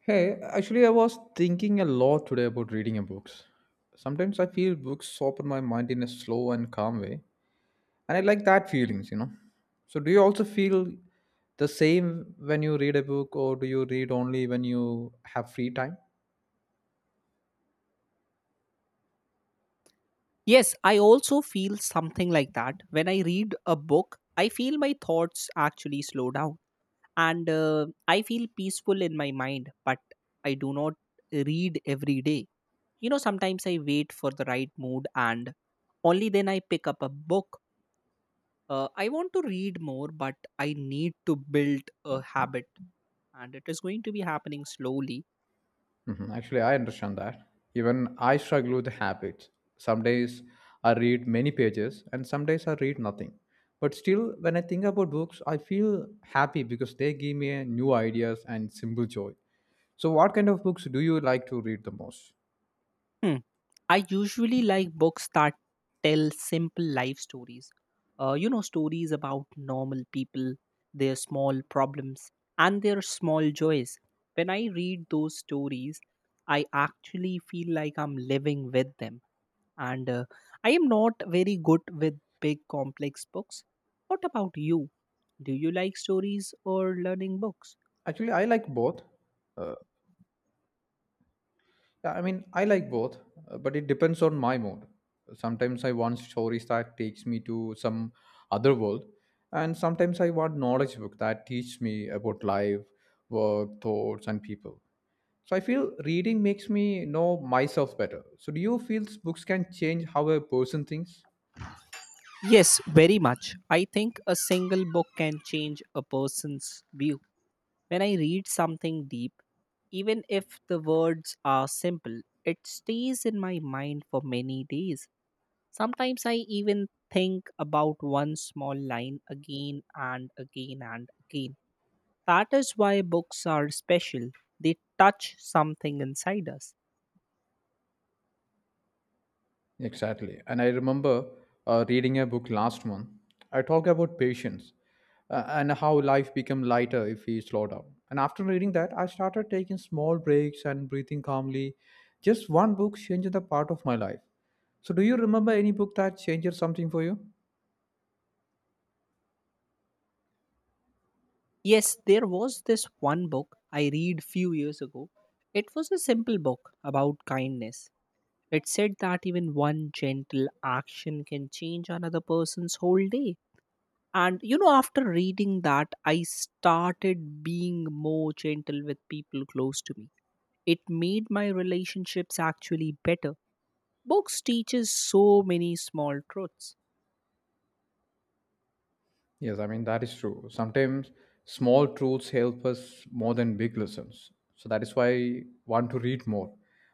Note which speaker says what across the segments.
Speaker 1: Hey, actually, I was thinking a lot today about reading a books. Sometimes I feel books open my mind in a slow and calm way, and I like that feelings. So, do you also feel the same when you read a book, or do you read only when you have free time?
Speaker 2: Yes, I also feel something like that. When I read a book, I feel my thoughts actually slow down and I feel peaceful in my mind, but I do not read every day. You know, sometimes I wait for the right mood and only then I pick up a book. I want to read more, but I need to build a habit and it is going to be happening slowly.
Speaker 1: Mhm. Actually, I understand that. Even I struggle with habits. Some days I read many pages, and some days I read nothing. But still, when I think about books, I feel happy because they give me new ideas and simple joy. So, what kind of books do you like to read the most?
Speaker 2: Hmm. I usually like books that tell simple life stories. You know, stories about normal people, their small problems, and their small joys. When I read those stories, I actually feel like I'm living with them. And I am not very good with big, complex books. What about you? Do you like stories or learning books?
Speaker 1: Actually, I like both. Uh, Yeah, I mean, I like both, but it depends on my mood. Sometimes I want stories that takes me to some other world, and sometimes I want knowledge book that teach me about life, work, thoughts, and people. So I feel reading makes me know myself better. So do you feel books can change how a person thinks?
Speaker 2: Yes, very much. I think a single book can change a person's view. When I read something deep, even if the words are simple, it stays in my mind for many days. Sometimes I even think about one small line again and again and again. That is why books are special. They touch something inside us.
Speaker 1: Exactly. And I remember reading a book last month. I talk about patience and how life become lighter if we slow down. And after reading that, I started taking small breaks and breathing calmly. Just one book changed the part of my life. So, do you remember any book that changed something for you?
Speaker 2: Yes, there was this one book I read few years ago. It was a simple book about kindness. It said that even one gentle action can change another person's whole day. And you know, after reading that, I started being more gentle with people close to me. It made my relationships actually better. Books teaches so many small truths.
Speaker 1: Yes, I mean, that is true. Sometimes small truths help us more than big lessons. So that is why I want to read more.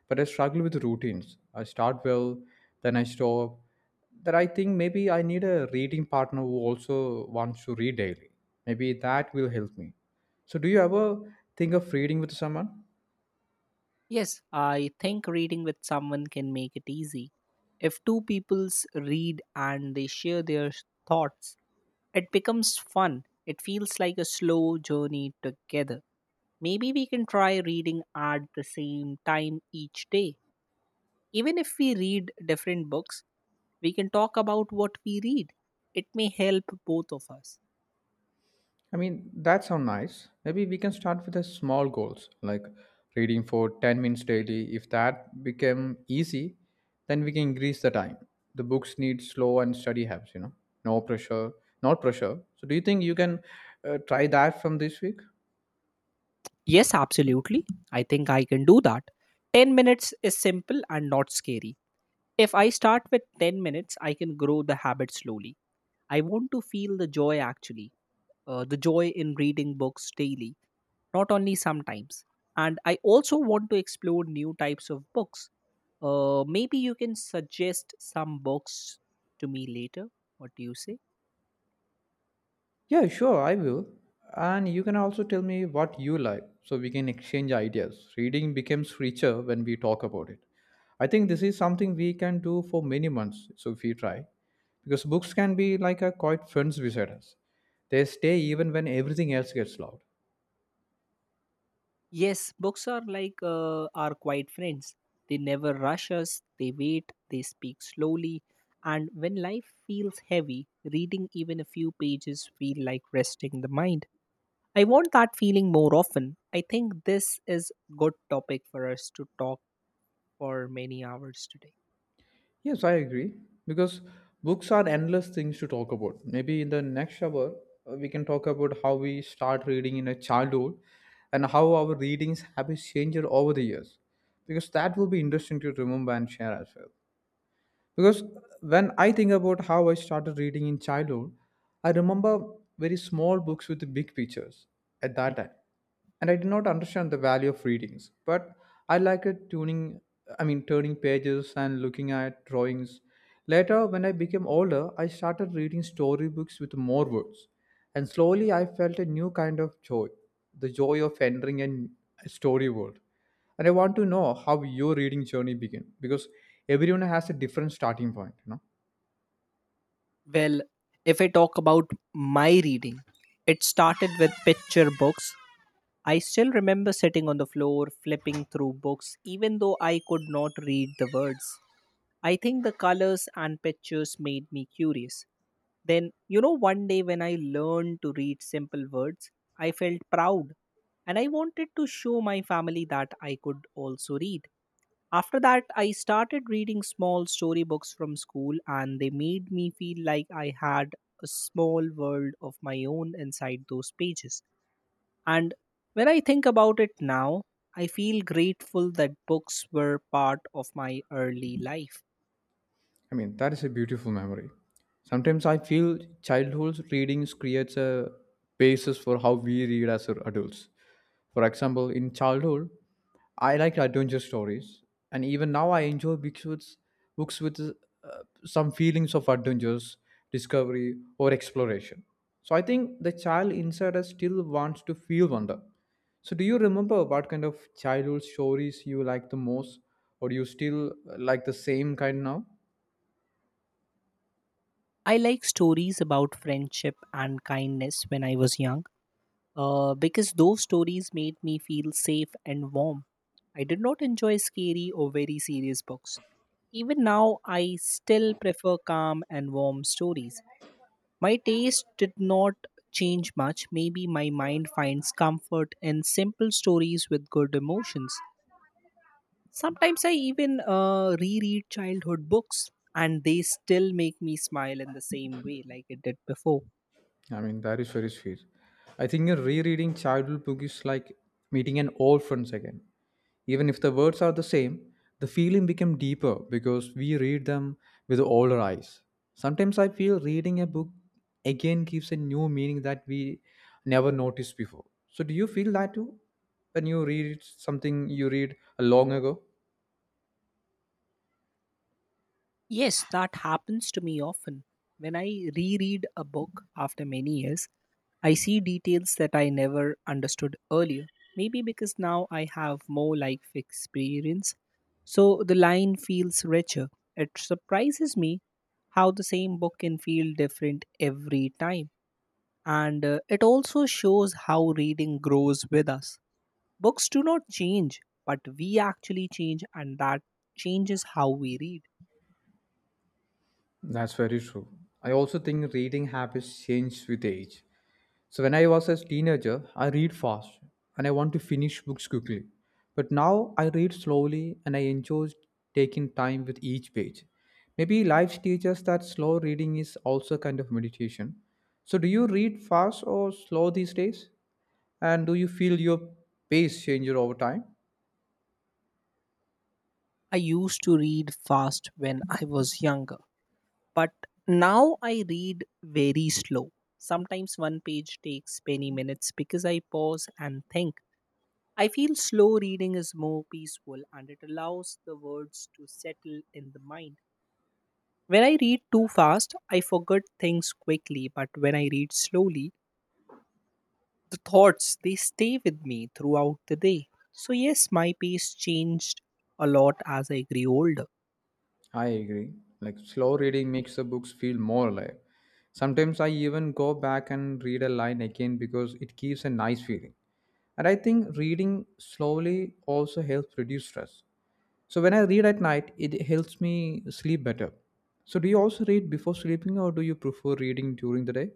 Speaker 1: But I struggle with routines. I start well, then I stop. That I think maybe I need a reading partner who also wants to read daily. Maybe that will help me. So, do you ever think of reading with someone?
Speaker 2: Yes, I think reading with someone can make it easy. If two peoples read and they share their thoughts, it becomes fun. It feels like a slow journey together. Maybe we can try reading at the same time each day. Even if we read different books, we can talk about what we read. It may help both of us.
Speaker 1: I mean, that sounds nice. Maybe we can start with the small goals, like reading for 10 minutes daily. If that become easy, then we can increase the time. The books need slow and steady habits, no pressure, not pressure. So do you think you can try that from this week?
Speaker 2: Yes, absolutely. I think I can do that. 10 minutes is simple and not scary. If I start with 10 minutes, I can grow the habit slowly. I want to feel the joy actually, the joy in reading books daily, not only sometimes. And I also want to explore new types of books. Maybe you can suggest some books to me later. What do you say?
Speaker 1: Yeah, sure, I will. And you can also tell me what you like so we can exchange ideas. Reading becomes richer when we talk about it. I think this is something we can do for many months, so if we try. Because books can be like a quiet friends beside us. They stay even when everything else gets loud.
Speaker 2: Yes, books are like our quiet friends. They never rush us, they wait, they speak slowly. And when life feels heavy, reading even a few pages feel like resting the mind. I want that feeling more often. I think this is good topic for us to talk for many hours today.
Speaker 1: Yes, I agree. Because books are endless things to talk about. Maybe in the next hour, we can talk about how we start reading in a childhood and how our readings habits changed over the years. Because that will be interesting to remember and share as well. Because when I think about how I started reading in childhood, I remember very small books with big pictures at that
Speaker 2: Mm.
Speaker 1: time. And I did not understand the value of readings, but I liked it tuning I mean turning pages and looking at drawings. Later when I became older, I started reading storybooks with more words. And slowly I felt a new kind of joy, the joy of entering a story world and I want to know how your reading journey began because everyone has a different starting point.
Speaker 2: Well, if I talk about my reading, it started with picture books. I still remember sitting on the floor, flipping through books, even though I could not read the words. I think the colors and pictures made me curious. Then, you know, one day when I learned to read simple words, I felt proud and I wanted to show my family that I could also read. After that, I started reading small storybooks from school, and they made me feel like I had a small world of my own inside those pages. And when I think about it now, I feel grateful that books were part of my early life.
Speaker 1: I mean, that is a beautiful memory. Sometimes I feel childhood readings creates a basis for how we read as adults. For example, in childhood, I liked adventure stories, and even now I enjoy books with some feelings of adventures, discovery, or exploration. So I think the child inside us still wants to feel wonder. So do you remember what kind of childhood stories you like the most, or do you still like the same kind now?
Speaker 2: I like stories about friendship and kindness when I was young because those stories made me feel safe and warm. I did not enjoy scary or very serious books. Even now, I still prefer calm and warm stories. My taste did not change much. Maybe my mind finds comfort in simple stories with good emotions. Sometimes I even reread childhood books and they still make me smile in the same way like it did before.
Speaker 1: I mean, that is very sweet. I think a rereading childhood book is like meeting an old friends again. Even if the words are the same, the feeling become deeper because we read them with older eyes. Sometimes I feel reading a book again gives a new meaning that we never noticed before. So do you feel that too? When you read something you read long ago?
Speaker 2: Yes, that happens to me often. When I reread a book after many years, I see details that I never understood earlier. Maybe because now I have more life experience, so the line feels richer. It surprises me how the same book can feel different every time. And it also shows how reading grows with us. Books do not change, but we actually change, and that changes how we read.
Speaker 1: That's very true. I also think reading habits change with age. So when I was a teenager, I read fast and I want to finish books quickly. But now I read slowly and I enjoy taking time with each page. Maybe life teaches that slow reading is also kind of meditation. So do you read fast or slow these days? And do you feel your pace change over time?
Speaker 2: I used to read fast when I was younger, but now I read very slow. Sometimes one page takes many minutes because I pause and think. I feel slow reading is more peaceful and it allows the words to settle in the mind. When I read too fast, I forget things quickly, but when I read slowly, the thoughts they stay with me throughout the day. So yes, my pace changed a lot as I grew older.
Speaker 1: I agree. Like slow reading makes the books feel more alive. Sometimes I even go back and read a line again because it gives a nice feeling. And I think reading slowly also helps reduce stress. So when I read at night, it helps me sleep better. So do you also read before sleeping or do you prefer reading during the day?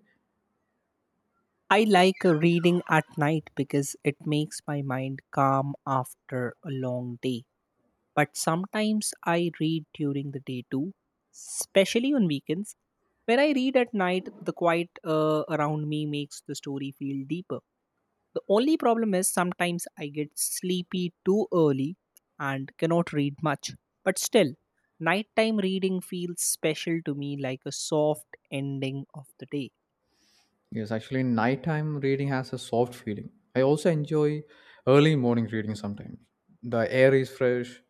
Speaker 2: I like reading at night because it makes my mind calm after a long day. But sometimes I read during the day too, especially on weekends. When I read at night, the quiet around me makes the story feel deeper. The only problem is sometimes I get sleepy too early and cannot read much. But still, nighttime reading feels special to me like a soft ending of the day.
Speaker 1: Yes, actually, nighttime reading has a soft feeling. I also enjoy early morning reading sometimes. The air is fresh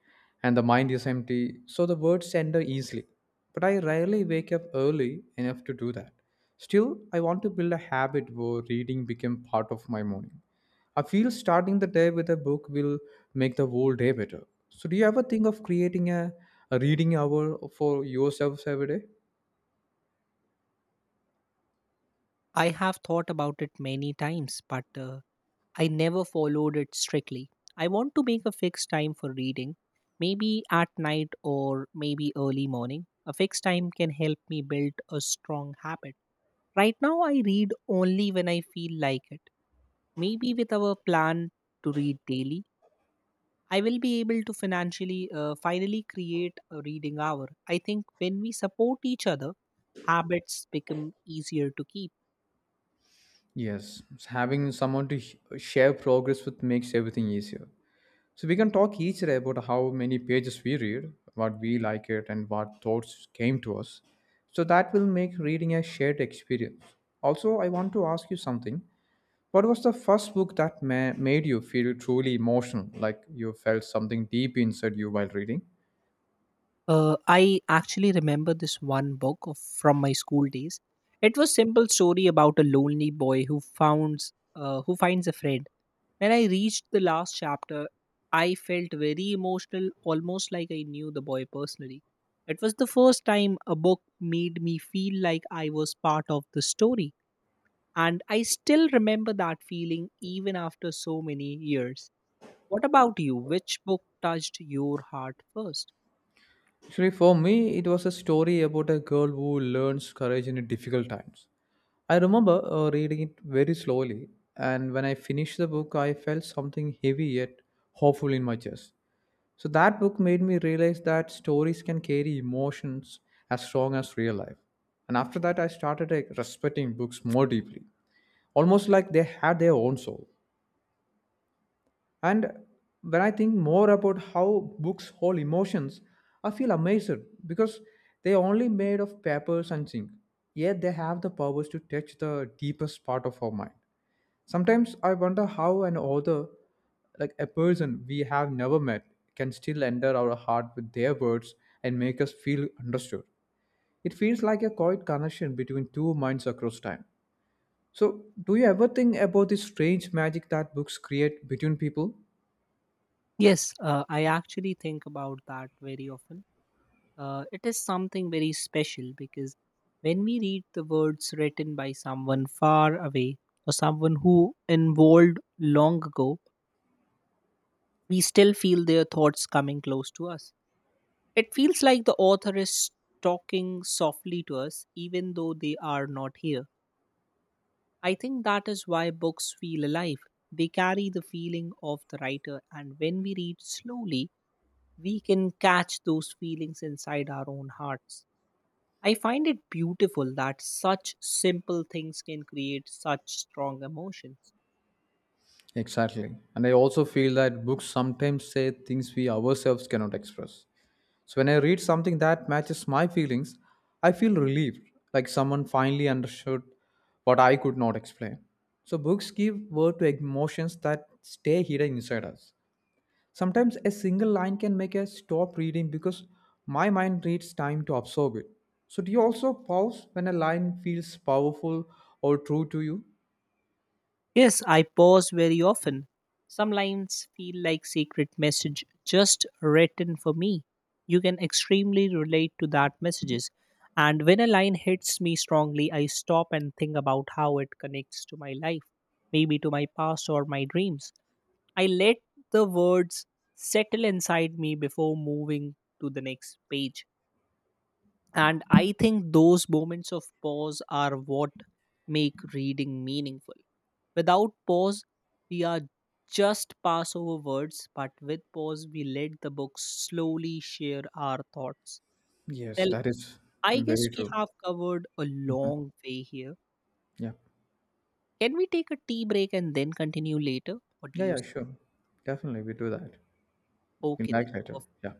Speaker 1: and the mind is empty, so the words enter easily. But I rarely wake up early enough to do that. Still, I want to build a habit where reading become part of my morning. I feel starting the day with a book will make the whole day better. So, do you ever think of creating a reading hour for yourselves every day?
Speaker 2: I have thought about it many times, but I never followed it strictly. I want to make a fixed time for reading, maybe at night or maybe early morning. A fixed time can help me build a strong habit. Right now, I read only when I feel like it. Maybe with our plan to read daily, I will be able to financially finally create a reading hour. I think when we support each other, habits become easier to keep.
Speaker 1: Yes, having someone to sh- share progress with makes everything easier. So we can talk each day about how many pages we read, what we like it, and what thoughts came to us. So that will make reading a shared experience. Also, I want to ask you something. What was the first book that ma- made you feel truly emotional, like you felt something deep inside you while reading?
Speaker 2: I actually remember this one book from my school days. It was simple story about a lonely boy who founds who finds a friend. When I reached the last chapter, I felt very emotional, almost like I knew the boy personally. It was the first time a book made me feel like I was part of the story, and I still remember that feeling even after so many years. What about you? Which book touched your heart first?
Speaker 1: Actually, for me, it was a story about a girl who learns courage in difficult times. I remember reading it very slowly, and when I finished the book, I felt something heavy yet hopeful in my chest. So, that book made me realize that stories can carry emotions as strong as real life. And after that, I started like, respecting books more deeply, almost like they had their own soul. And when I think more about how books hold emotions, I feel amazed because they are only made of papers and ink, yet they have the powers to touch the deepest part of our mind. Sometimes I wonder how an author, like a person we have never met, can still enter our heart with their words and make us feel understood. It feels like a quiet connection between two minds across time. So, do you ever think about this strange magic that books create between people?
Speaker 2: Yes, I actually think about that very often. It is something very special because when we read the words written by someone far away or someone who evolved long ago, we still feel their thoughts coming close to us. It feels like the author is talking softly to us, even though they are not here. I think that is why books feel alive. They carry the feeling of the writer, and when we read slowly, we can catch those feelings inside our own hearts. I find it beautiful that such simple things can create such strong emotions.
Speaker 1: Exactly. And I also feel that books sometimes say things we ourselves cannot express. So when I read something that matches my feelings, I feel relieved, like someone finally understood what I could not explain. So books give word to emotions that stay hidden inside us. Sometimes a single line can make us stop reading because my mind needs time to absorb it. So do you also pause when a line feels powerful or true to you?
Speaker 2: Yes, I pause very often. Some lines feel like secret message just written for me. You can extremely relate to that messages. And when a line hits me strongly, I stop and think about how it connects to my life, maybe to my past or my dreams. I let the words settle inside me before moving to the next page. And I think those moments of pause are what make reading meaningful. Without pause, we are just pass over words, but with pause, we let the book slowly share our thoughts.
Speaker 1: Yes,
Speaker 2: Well,
Speaker 1: that is
Speaker 2: I guess
Speaker 1: very
Speaker 2: we
Speaker 1: true.
Speaker 2: have covered a long way here.
Speaker 1: Yeah.
Speaker 2: Can we take a tea break and then continue later? What do
Speaker 1: Yeah,
Speaker 2: you
Speaker 1: yeah,
Speaker 2: say?
Speaker 1: sure. Definitely, we do that. In
Speaker 2: Okay, then.
Speaker 1: back later. Yeah.